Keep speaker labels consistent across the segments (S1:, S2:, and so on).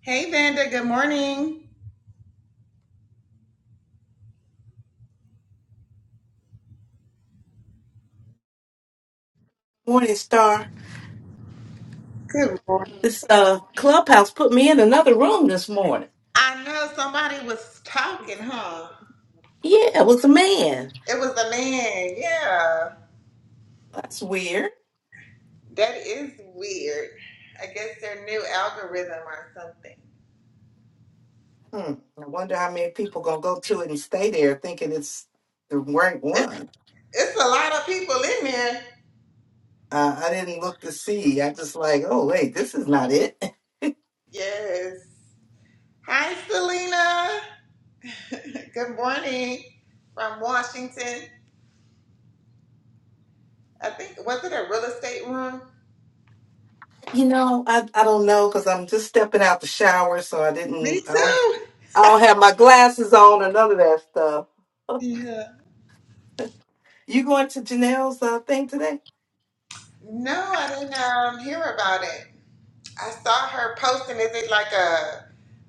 S1: Hey, Vanda. Good morning.
S2: Morning Star.
S1: Good morning.
S2: This uh clubhouse put me in another room this morning.
S1: I know somebody was talking, huh?
S2: Yeah, it was a man.
S1: It was a man. Yeah.
S2: That's weird.
S1: That is weird. I guess their new algorithm or something.
S2: Hmm. I wonder how many people gonna go to it and stay there thinking it's the right one.
S1: It's a lot of people in there.
S2: Uh, I didn't look to see. I just like, oh wait, this is not it.
S1: Yes. Hi, Selena. good morning from Washington. I think, was it a real estate room?
S2: You know, I, I don't know because I'm just stepping out the shower, so I
S1: Me
S2: didn't. I don't,
S1: too.
S2: I don't have my glasses on or none of that stuff.
S1: Yeah.
S2: You going to Janelle's uh, thing today?
S1: No, I didn't um, hear about it. I saw her posting. Is it like a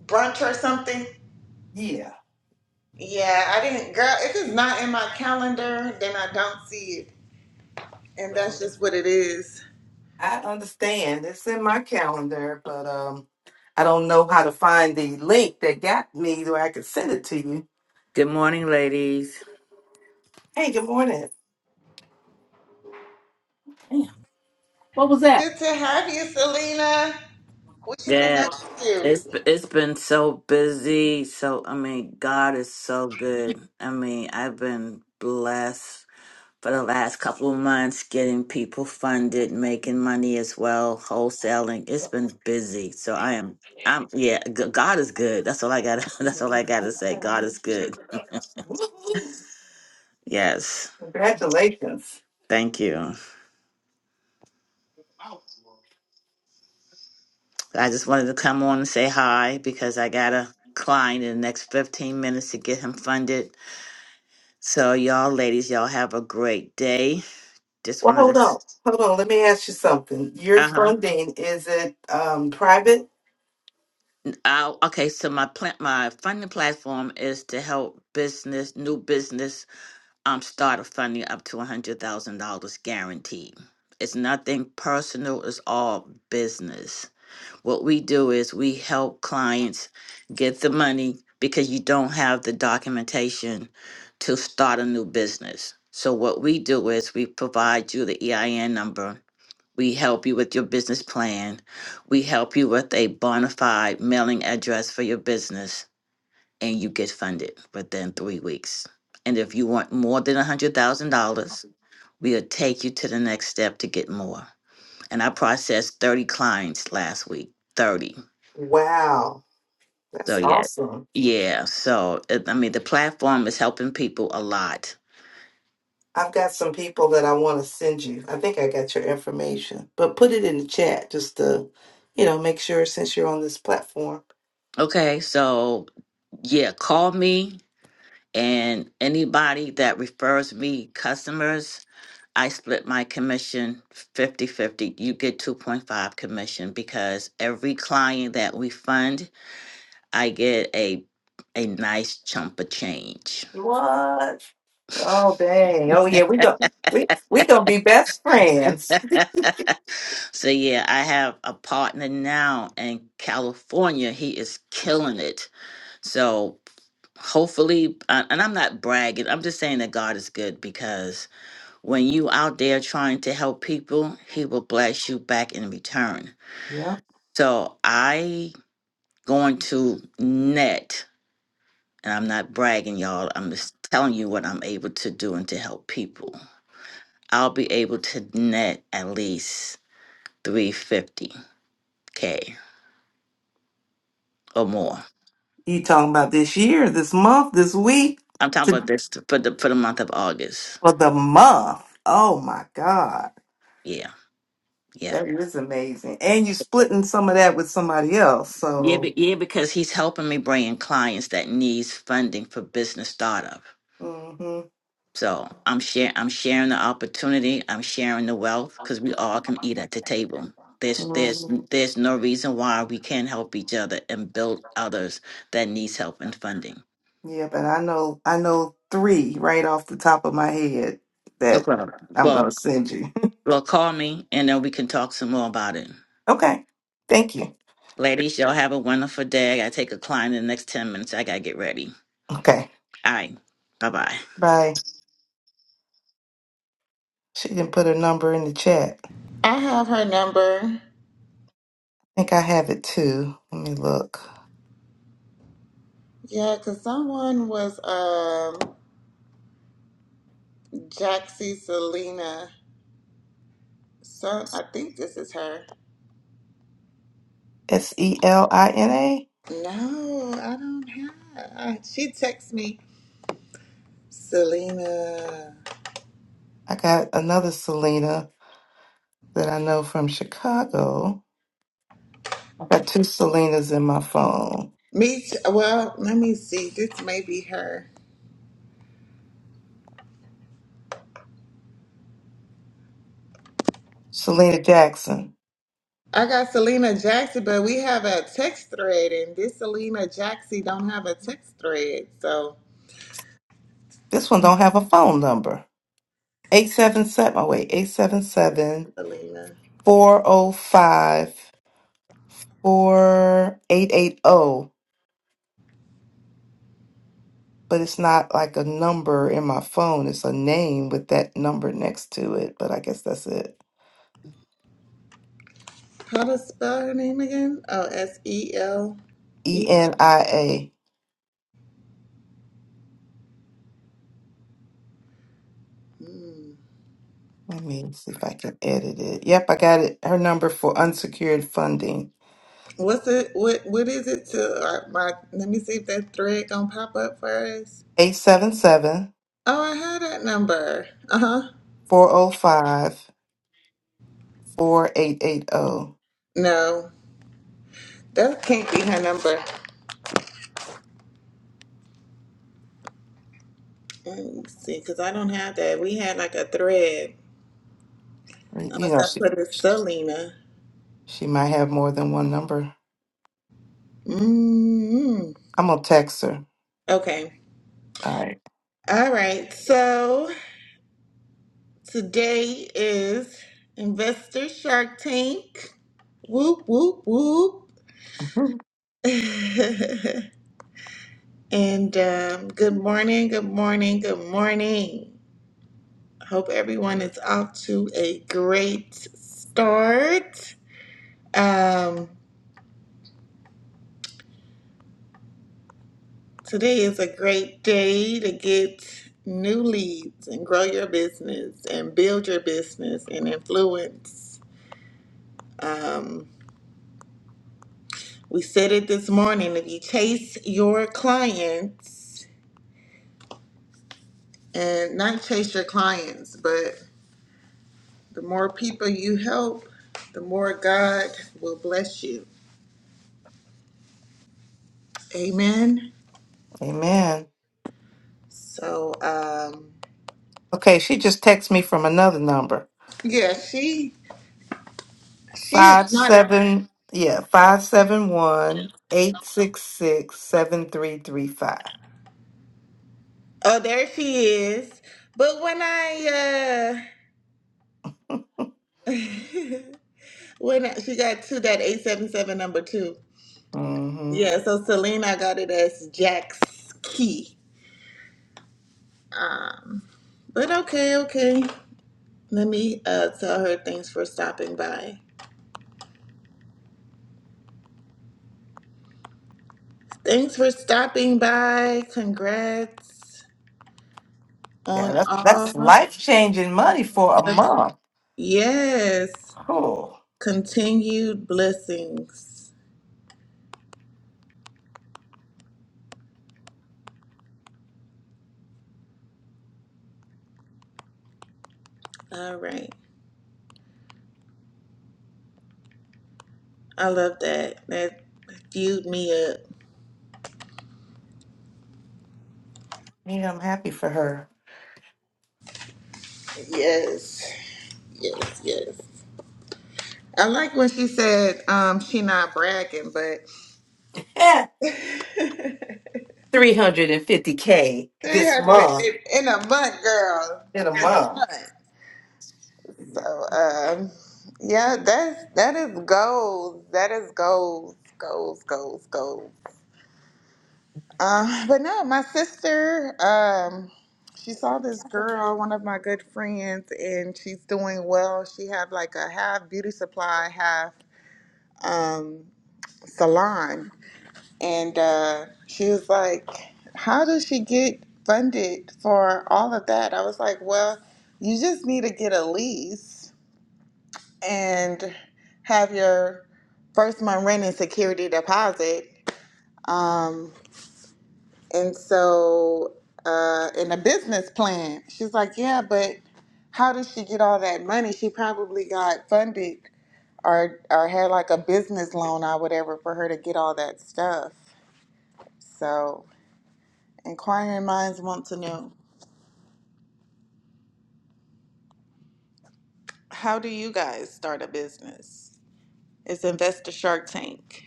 S1: brunch or something?
S2: Yeah.
S1: Yeah, I didn't. Girl, if it's not in my calendar, then I don't see it. And that's just what it is.
S2: I understand. It's in my calendar, but um, I don't know how to find the link that got me where I could send it to you.
S3: Good morning, ladies.
S2: Hey, good morning. Damn, what was that?
S1: Good to have you, Selena. What you been
S3: Yeah,
S1: up to?
S3: it's it's been so busy. So I mean, God is so good. I mean, I've been blessed for the last couple of months getting people funded, making money as well, wholesaling. It's been busy. So I am. I'm yeah. g- God is good. That's all I got. That's all I got to say. God is good.
S2: Woo-hoo.
S3: Yes.
S2: Congratulations.
S3: Thank you. I just wanted to come on and say hi because I got a client in the next 15 minutes to get him funded So y'all ladies, y'all have a great day. Just
S2: Well,
S3: wanted to
S2: hold on. Hold on. Let me ask you something. Your
S3: uh-huh.
S2: funding, is it um, private?
S3: Uh, okay, so my plant my funding platform is to help business, new business um start a funding up to a hundred thousand dollars guaranteed. It's nothing personal, it's all business. What we do is we help clients get the money because you don't have the documentation to start a new business. So what we do is we provide you the EIN number We help you with your business plan. We help you with a bona fide mailing address for your business, and you get funded within three weeks. And if you want more than $100,000, we'll take you to the next step to get more. And I processed 30 clients last week. 30.
S2: Wow.
S3: So,
S2: That's
S3: yeah.
S2: awesome.
S3: Yeah. So, it- I mean, the platform is helping people a lot.
S2: I've got some people that I want to send you. I think I got your information, but put it in the chat just to, you know, make sure since you're on this platform.
S3: Okay. So, yeah, call me and anybody that refers me customers I split my commission fifty-fifty. You get 2.5 commission because every client that we fund, I get a a nice chunk of change.
S2: What? Oh dang! Oh yeah, we go. We we gonna be best friends.
S3: So yeah, I have a partner now in California. He is killing it. So hopefully uh, and I'm not bragging. I'm just saying that God is good because when you out there trying to help people, he will bless you back in return.
S2: Yeah.
S3: So I going to net and I'm not bragging, y'all. I'm just telling you what I'm able to do and to help people. I'll be able to net at least 350k or more.
S2: You talking about this year, this month, this week,
S3: I'm talking about
S2: to,
S3: this for the for the month of August.
S2: for the month? Oh my God,
S3: Yeah, yeah,
S2: that is amazing! And you splitting some of that with somebody else,
S3: yeah,
S2: so.
S3: be, yeah. Because he's helping me bring in clients that needs funding for business startup.
S2: hmm
S3: So I'm share I'm sharing the opportunity. I'm sharing the wealth because we all can eat at the table. There's there's there's no reason why we can't help each other and build others that needs help and funding.
S2: Yeah, but I know I know three right off the top of my head that
S3: Okay.
S2: I'm
S3: Well,
S2: gonna send you.
S3: well, call me and then we can talk some more about it.
S2: okay. Thank you.
S3: Ladies, y'all have a wonderful day. I gotta take a client in the next ten minutes. I gotta get ready.
S2: Okay.
S3: All right. Bye bye.
S2: Bye. She didn't put her number in the chat.
S1: I have her number.
S2: I think I have it too. Let me look.
S1: Yeah, because someone was um Jaxie Selena. So I think this is her.
S2: S E L I N A.
S1: No, I don't have. She texts me, Selena.
S2: I got another Selena that I know from Chicago. I got two Selenas in my phone.
S1: Me, t- well, let me see. This may be her.
S2: Selena Jackson.
S1: I got Selena Jackson, but we have a text thread, and this Selena Jackson don't have a text thread. So,
S2: This one don't have a phone number. 877 oh wait, 877
S1: Selena,
S2: 405. four eight eight zero, but it's not like a number in my phone. It's a name with that number next to it. But I guess that's it.
S1: how to spell her name again? Oh, S E L
S2: E
S1: E.
S2: N I A.
S1: Hmm.
S2: Let me see if I can edit it. Yep, I got it. Her number for unsecured funding
S1: What's it? What What is it to uh, my? Let me see if that thread gonna pop up for us.
S2: 877
S1: Oh, I had that number. Uh huh.
S2: 405 4880.
S1: No, that can't be her number. Let me see, cause I don't have that. We had like a thread.
S2: You
S1: Unless
S2: know,
S1: I
S2: she,
S1: put it Selena.
S2: she might have more than one number.
S1: mm
S2: I'm going to text her.
S1: Okay.
S2: All
S1: All right. So today is Investor Shark Tank. Whoop, whoop, whoop.
S2: right.
S1: and um, good morning, good morning, good morning. Hope everyone is off to a great start. Um, Today is a great day to get new leads and grow your business and build your business and influence. Um, we said it this morning if you chase your clients and not chase your clients, but the more people you help, the more God will bless you. Amen.
S2: Amen.
S1: So, um,
S2: Okay, she just texted me from another number.
S1: yeah, she she
S2: Five
S1: is not a.
S2: seven yeah, five seven one eight six six seven three three five.
S1: Oh, there she is. But when I uh, when I- she got to that 877 number two.
S2: Mm-hmm.
S1: Yeah, so Selena I got it as Jack's key. Um, but okay, okay. Let me uh, tell her thanks for stopping by. Thanks for stopping by. Congrats
S2: Yeah,
S1: on
S2: that's that's
S1: all.
S2: life changing money for a month.
S1: Yes,
S2: Cool.
S1: continued blessings. All right. I love that. That fueled me up.
S2: Yeah, I'm happy for her.
S1: Yes. Yes, yes. I like when she said um, she not bragging, but
S2: Three hundred and fifty K this
S1: 300
S2: month.
S1: in in a month, girl,
S2: In a
S1: in a
S2: month.
S1: month. So, um, yeah, that's that is goals. That is goals, goals, goals, goals. Uh, but no, my sister, um, she saw this girl, one of my good friends, and she's doing well. She had like a half beauty supply, half um, salon, And uh, she was like, How does she get funded for all of that? I was like, Well, you just need to get a lease and have your first month rent and security deposit. Um, and so, uh, in a business plan, she's like, Yeah, but how did she get all that money? She probably got funded or, or had like a business loan or whatever for her to get all that stuff. So, Inquiring minds want to know how do you guys start a business? It's Investor Shark Tank.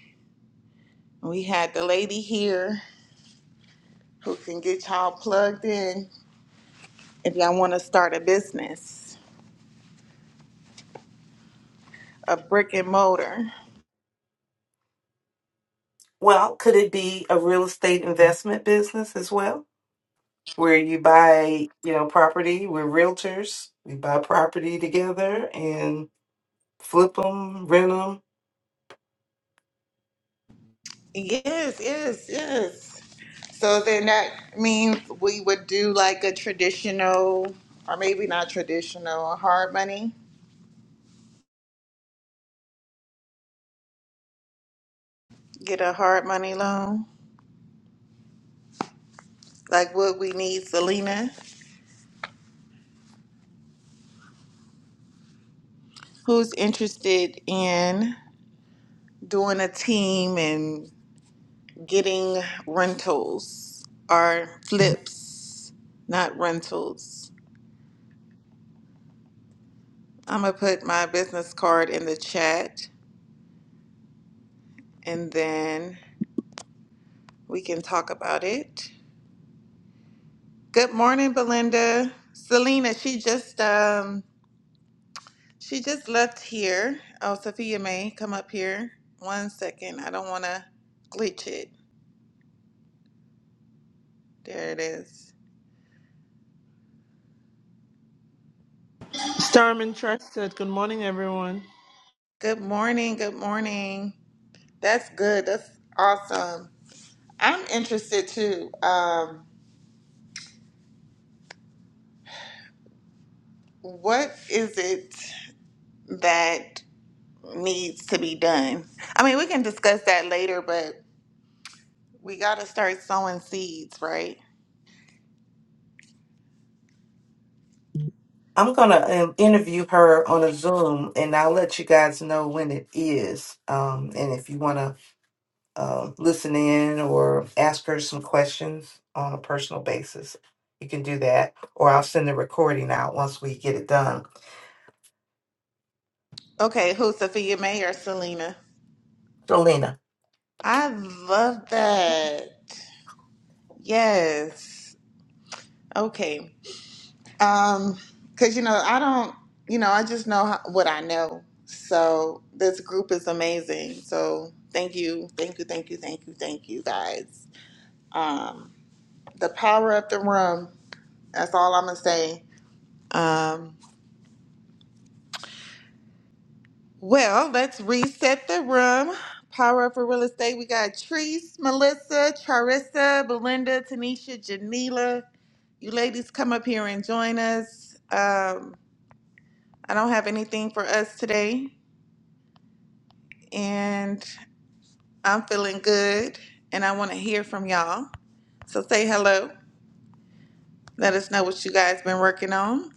S1: We had the lady here who can get y'all plugged in if y'all want to start a business, a brick and mortar.
S2: Well, could it be a real estate investment business as well, where you buy, you know, property? We're realtors. We buy property together and flip them, rent them.
S1: Yes, yes, yes. So then that means we would do like a traditional, or maybe not traditional, a hard money, get a hard money loan. Like what we need, Selena. Who's interested in? doing a team and getting rentals or flips, not rentals. I'm going to put my business card in the chat and then we can talk about it. Good morning, Belinda. Selena, she just um she just left here. Oh, Sophia May, come up here. One second. I don't want to glitch it. There it is.
S4: Starman Trusted, good morning, everyone.
S1: Good morning. Good morning. That's good. That's awesome. I'm interested too. Um, what is it that needs to be done? I mean, we can discuss that later, but we got to start sowing seeds, right?
S2: I'm gonna um, interview her on a Zoom, and I'll let you guys know when it is. Um, and if you wanna um listen in or ask her some questions on a personal basis, you can do that. Or I'll send the recording out once we get it done.
S1: Okay, who, Sophia May or Selena?
S2: So, Lena.
S1: I love that. Yes. Okay. Um, cause you know, I don't, you know, I just know how, what I know. So this group is amazing. So thank you, thank you, thank you, thank you, thank you guys. Um, the power of the room. That's all I'm gonna say. Um, well, let's reset the room. Power up for real estate. We got Treese, Melissa, Charissa, Belinda, Tanisha, Janila. You ladies come up here and join us. Um, I don't have anything for us today, and I'm feeling good, and I want to hear from y'all. So say hello. Let us know what you guys been working on.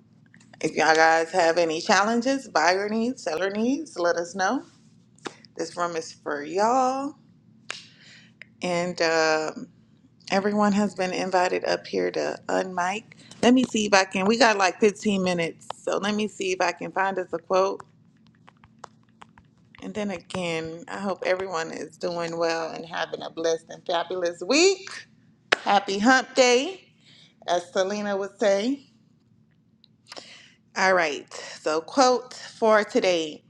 S1: If y'all guys have any challenges, buyer needs, seller needs, let us know. This room is for y'all, and um, everyone has been invited up here to unmic. Let me see if I can. We got like 15 minutes, so let me see if I can find us a quote. And then again, I hope everyone is doing well and having a blessed and fabulous week. Happy Hump Day, as Selena would say. All right, so quote for today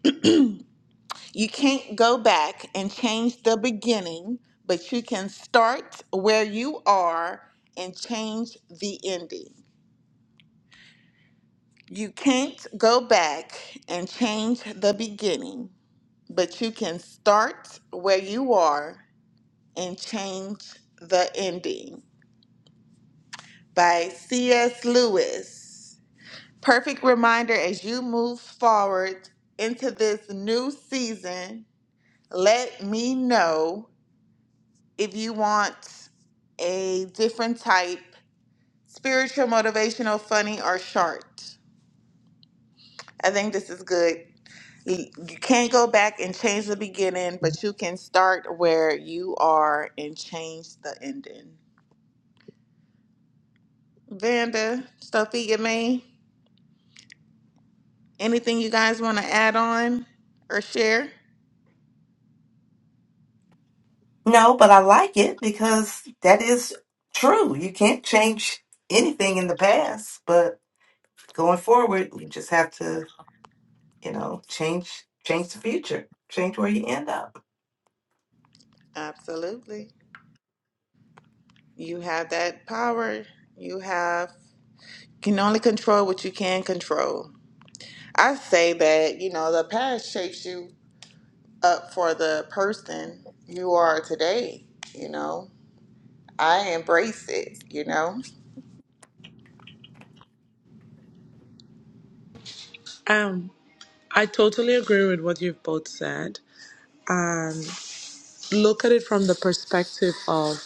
S1: You can't go back and change the beginning, but you can start where you are and change the ending. You can't go back and change the beginning, but you can start where you are and change the ending. By C.S. Lewis. Perfect reminder as you move forward into this new season, let me know if you want a different type, spiritual, motivational, funny, or short. I think this is good. You you can't go back and change the beginning, but you can start where you are and change the ending. Vanda, Sophia May, anything you guys want to add on or share?
S2: No, but I like it because that is true. You can't change anything in the past, but going forward, you just have to, you know, change change the future, change where you end up.
S1: Absolutely. You have that power. You have can only control what you can control. I say that, you know, the past shapes you up for the person you are today, you know. I embrace it, you know.
S4: Um, I totally agree with what you've both said. And look at it from the perspective of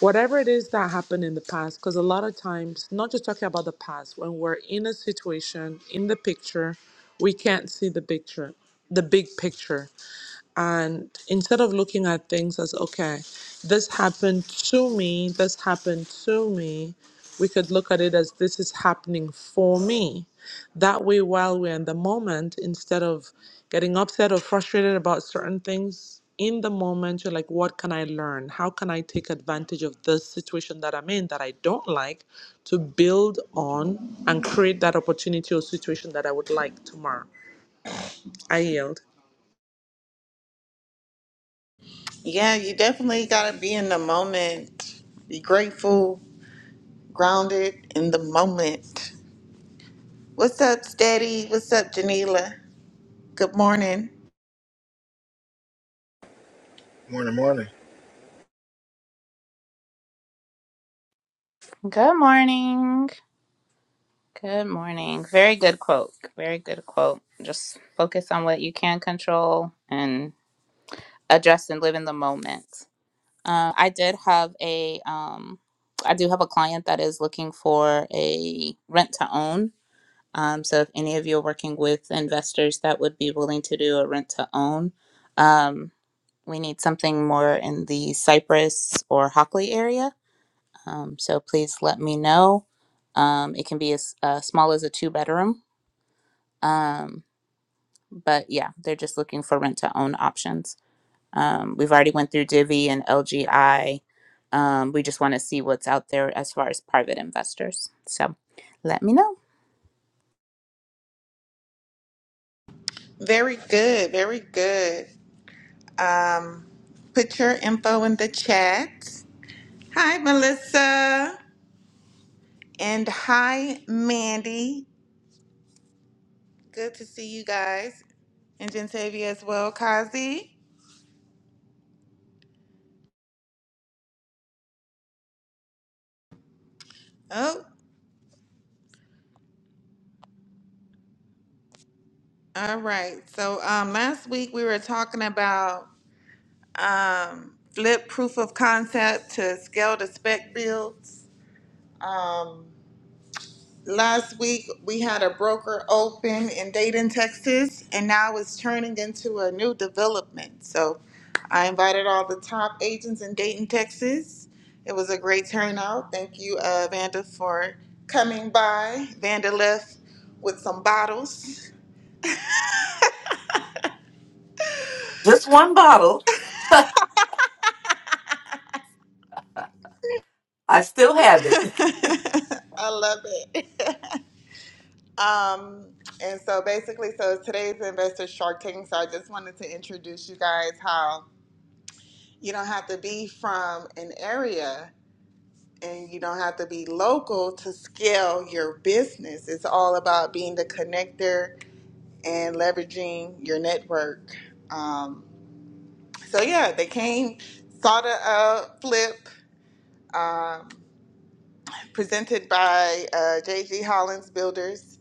S4: whatever it is that happened in the past, because a lot of times, not just talking about the past, when we're in a situation, in the picture, we can't see the picture, the big picture. and instead of looking at things as okay this happened to me this happened to me we could look at it as this is happening for me that way while we're in the moment instead of getting upset or frustrated about certain things in the moment you're like what can i learn how can i take advantage of this situation that i'm in that i don't like to build on and create that opportunity or situation that i would like tomorrow i yield
S1: Yeah, you definitely got to be in the moment. Be grateful, grounded in the moment. What's up, Steady? What's up, Janila? Good morning.
S5: Morning, morning.
S6: Good morning. Good morning. Very good quote. Very good quote. Just focus on what you can control and adjust and live in the moment. Uh, I did have a, um, I do have a client that is looking for a rent to own. Um, so if any of you are working with investors that would be willing to do a rent to own, um, we need something more in the Cypress or Hockley area. Um, so please let me know. Um, it can be as uh, small as a two bedroom. Um, but yeah, they're just looking for rent to own options. Um, we've already went through Divvy and LGI. Um, we just want to see what's out there as far as private investors. So let me know.
S1: Very good, very good. Um, put your info in the chat. Hi, Melissa. And hi, Mandy. Good to see you guys. And Gentavia as well, Kazi. Oh, all right. So um, last week we were talking about um, flip proof of concept to scale to spec builds. Um, Last week, we had a broker open in Dayton, Texas, and now it's turning into a new development. So I invited all the top agents in Dayton, Texas. It was a great turnout. Thank you, uh, Vanda, for coming by. Vanda left with some bottles.
S2: Just one bottle. I still have it.
S1: I love it. Um, and so basically, so today's investor Shark Tank. So I just wanted to introduce you guys how you don't have to be from an area and you don't have to be local to scale your business. It's all about being the connector and leveraging your network. Um, so yeah, they came, saw the uh, flip um, presented by uh, JG Hollins Builders,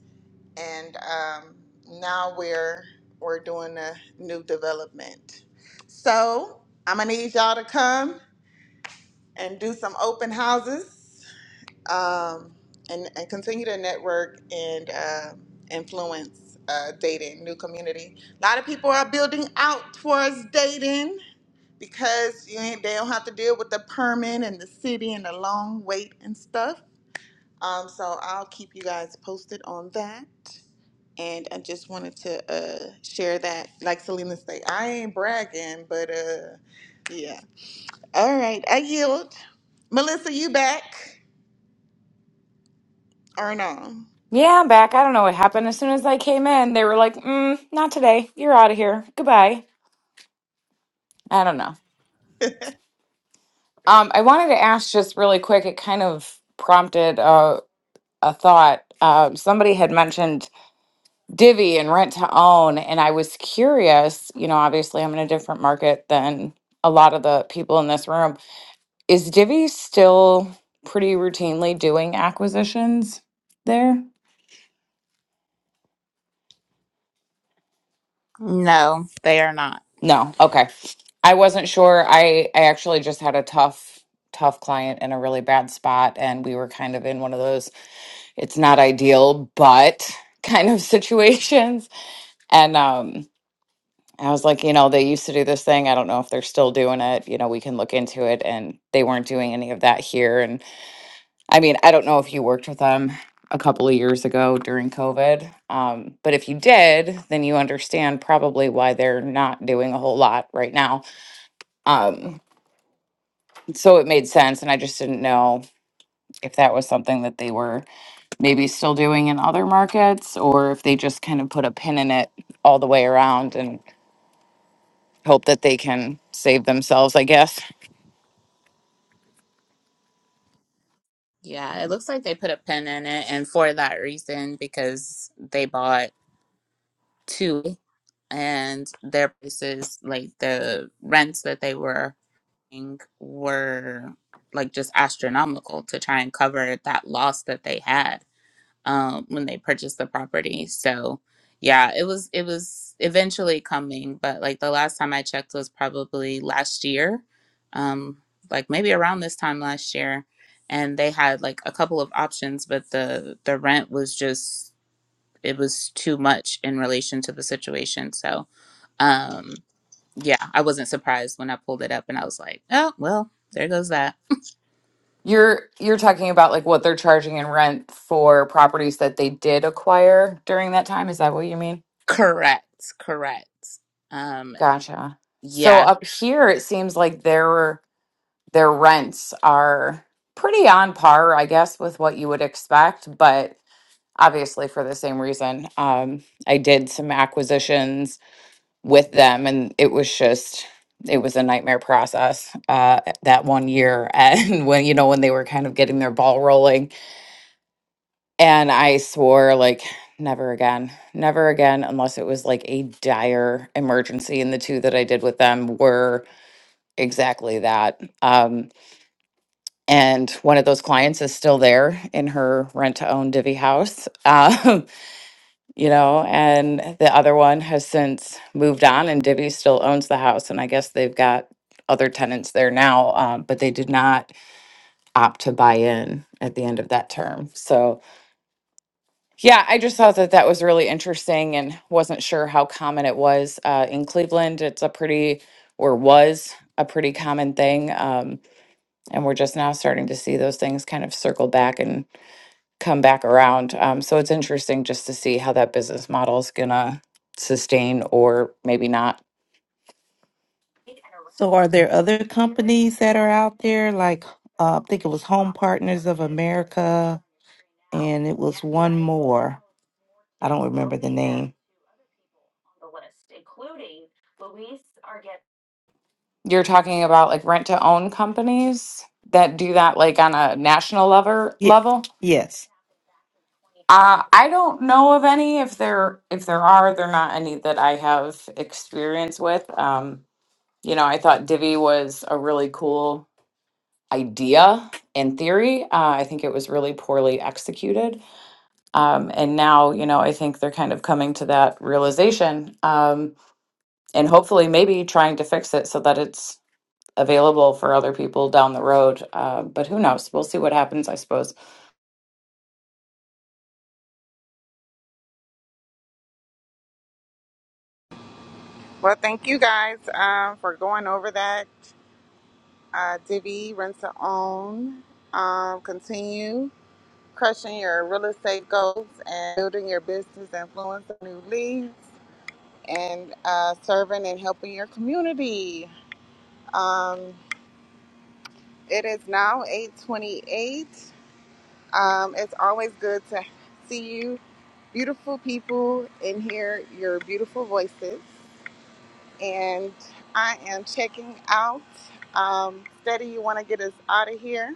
S1: and um, now we're we're doing a new development. So I'm gonna need y'all to come and do some open houses um, and, and continue to network and uh, influence uh, dating, new community. A lot of people are building out towards dating because you ain't, they don't have to deal with the permit and the city and the long wait and stuff. Um, so I'll keep you guys posted on that. And I just wanted to uh, share that, like Selena said, I ain't bragging, but uh, yeah. All right, I yield. Melissa, you back or no?
S7: Yeah, I'm back. I don't know what happened. As soon as I came in, they were like, mm, not today. You're out of here. Goodbye. I don't know. Um, I wanted to ask just really quick, it kind of prompted a, a thought. Um, somebody had mentioned Divvy and rent to own, and I was curious. You know, obviously, I'm in a different market than a lot of the people in this room. Is Divvy still pretty routinely doing acquisitions there?
S6: No, they are not.
S7: No. Okay. I wasn't sure. I I actually just had a tough tough client in a really bad spot and we were kind of in one of those it's not ideal but kind of situations. And um I was like, you know, they used to do this thing. I don't know if they're still doing it. You know, we can look into it and they weren't doing any of that here and I mean, I don't know if you worked with them a couple of years ago during COVID. Um, but if you did, then you understand probably why they're not doing a whole lot right now. Um, so it made sense and i just didn't know if that was something that they were maybe still doing in other markets or if they just kind of put a pin in it all the way around and hope that they can save themselves i guess
S6: Yeah, it looks like they put a pin in it, and for that reason, because they bought two and their prices, like the rents that they were thing were like just astronomical to try and cover that loss that they had um, when they purchased the property. So yeah, it was it was eventually coming, but like the last time I checked was probably last year, um, like maybe around this time last year, and they had like a couple of options, but the the rent was just it was too much in relation to the situation. So um yeah, I wasn't surprised when I pulled it up and I was like, oh, well, there goes that.
S7: you're you're talking about like what they're charging in rent for properties that they did acquire during that time is that what you mean
S6: Correct. Correct. Um,
S7: gotcha so
S6: yeah,
S7: up here it seems like their their rents are pretty on par i guess with what you would expect but obviously for the same reason. Um, I did some acquisitions with them, and it was just it was a nightmare process uh, that one year. And when you know when they were kind of getting their ball rolling, and I swore like never again, never again, unless it was like a dire emergency. And the two that I did with them were exactly that. Um, and one of those clients is still there in her rent to own divvy house. Um you know, and the other one has since moved on, and Divvy still owns the house, and I guess they've got other tenants there now, um, but they did not opt to buy in at the end of that term. So, yeah, I just thought that that was really interesting, and wasn't sure how common it was uh, in Cleveland. It's a pretty or was a pretty common thing, um, and we're just now starting to see those things kind of circle back come back around. Um, so it's interesting just to see how that business model is gonna sustain or maybe not.
S2: So, are there other companies that are out there? Like, uh, I think it was Home Partners of America, and it was one more. I don't remember the name.
S7: You're talking about like rent to own companies that do that like on a national level
S2: Yeah.
S7: level.
S2: Yes.
S7: Uh, I don't know of any. If there if there are, they're not any that I have experience with. Um, you know, I thought Divvy was a really cool idea in theory. Uh, I think it was really poorly executed Um, and now, you know, I think they're kind of coming to that realization um, and hopefully maybe trying to fix it so that it's available for other people down the road. Uh, but who knows? We'll see what happens, I suppose.
S1: Well, thank you guys um, for going over that. Uh, Divi, rent to own. Um, continue crushing your real estate goals and building your business influence on new leads and uh, serving and helping your community. Um, it is now 828. Um, it's always good to see you beautiful people and hear your beautiful voices. and I am checking out. Um, Steady, you want to get us out of here?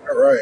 S5: All right.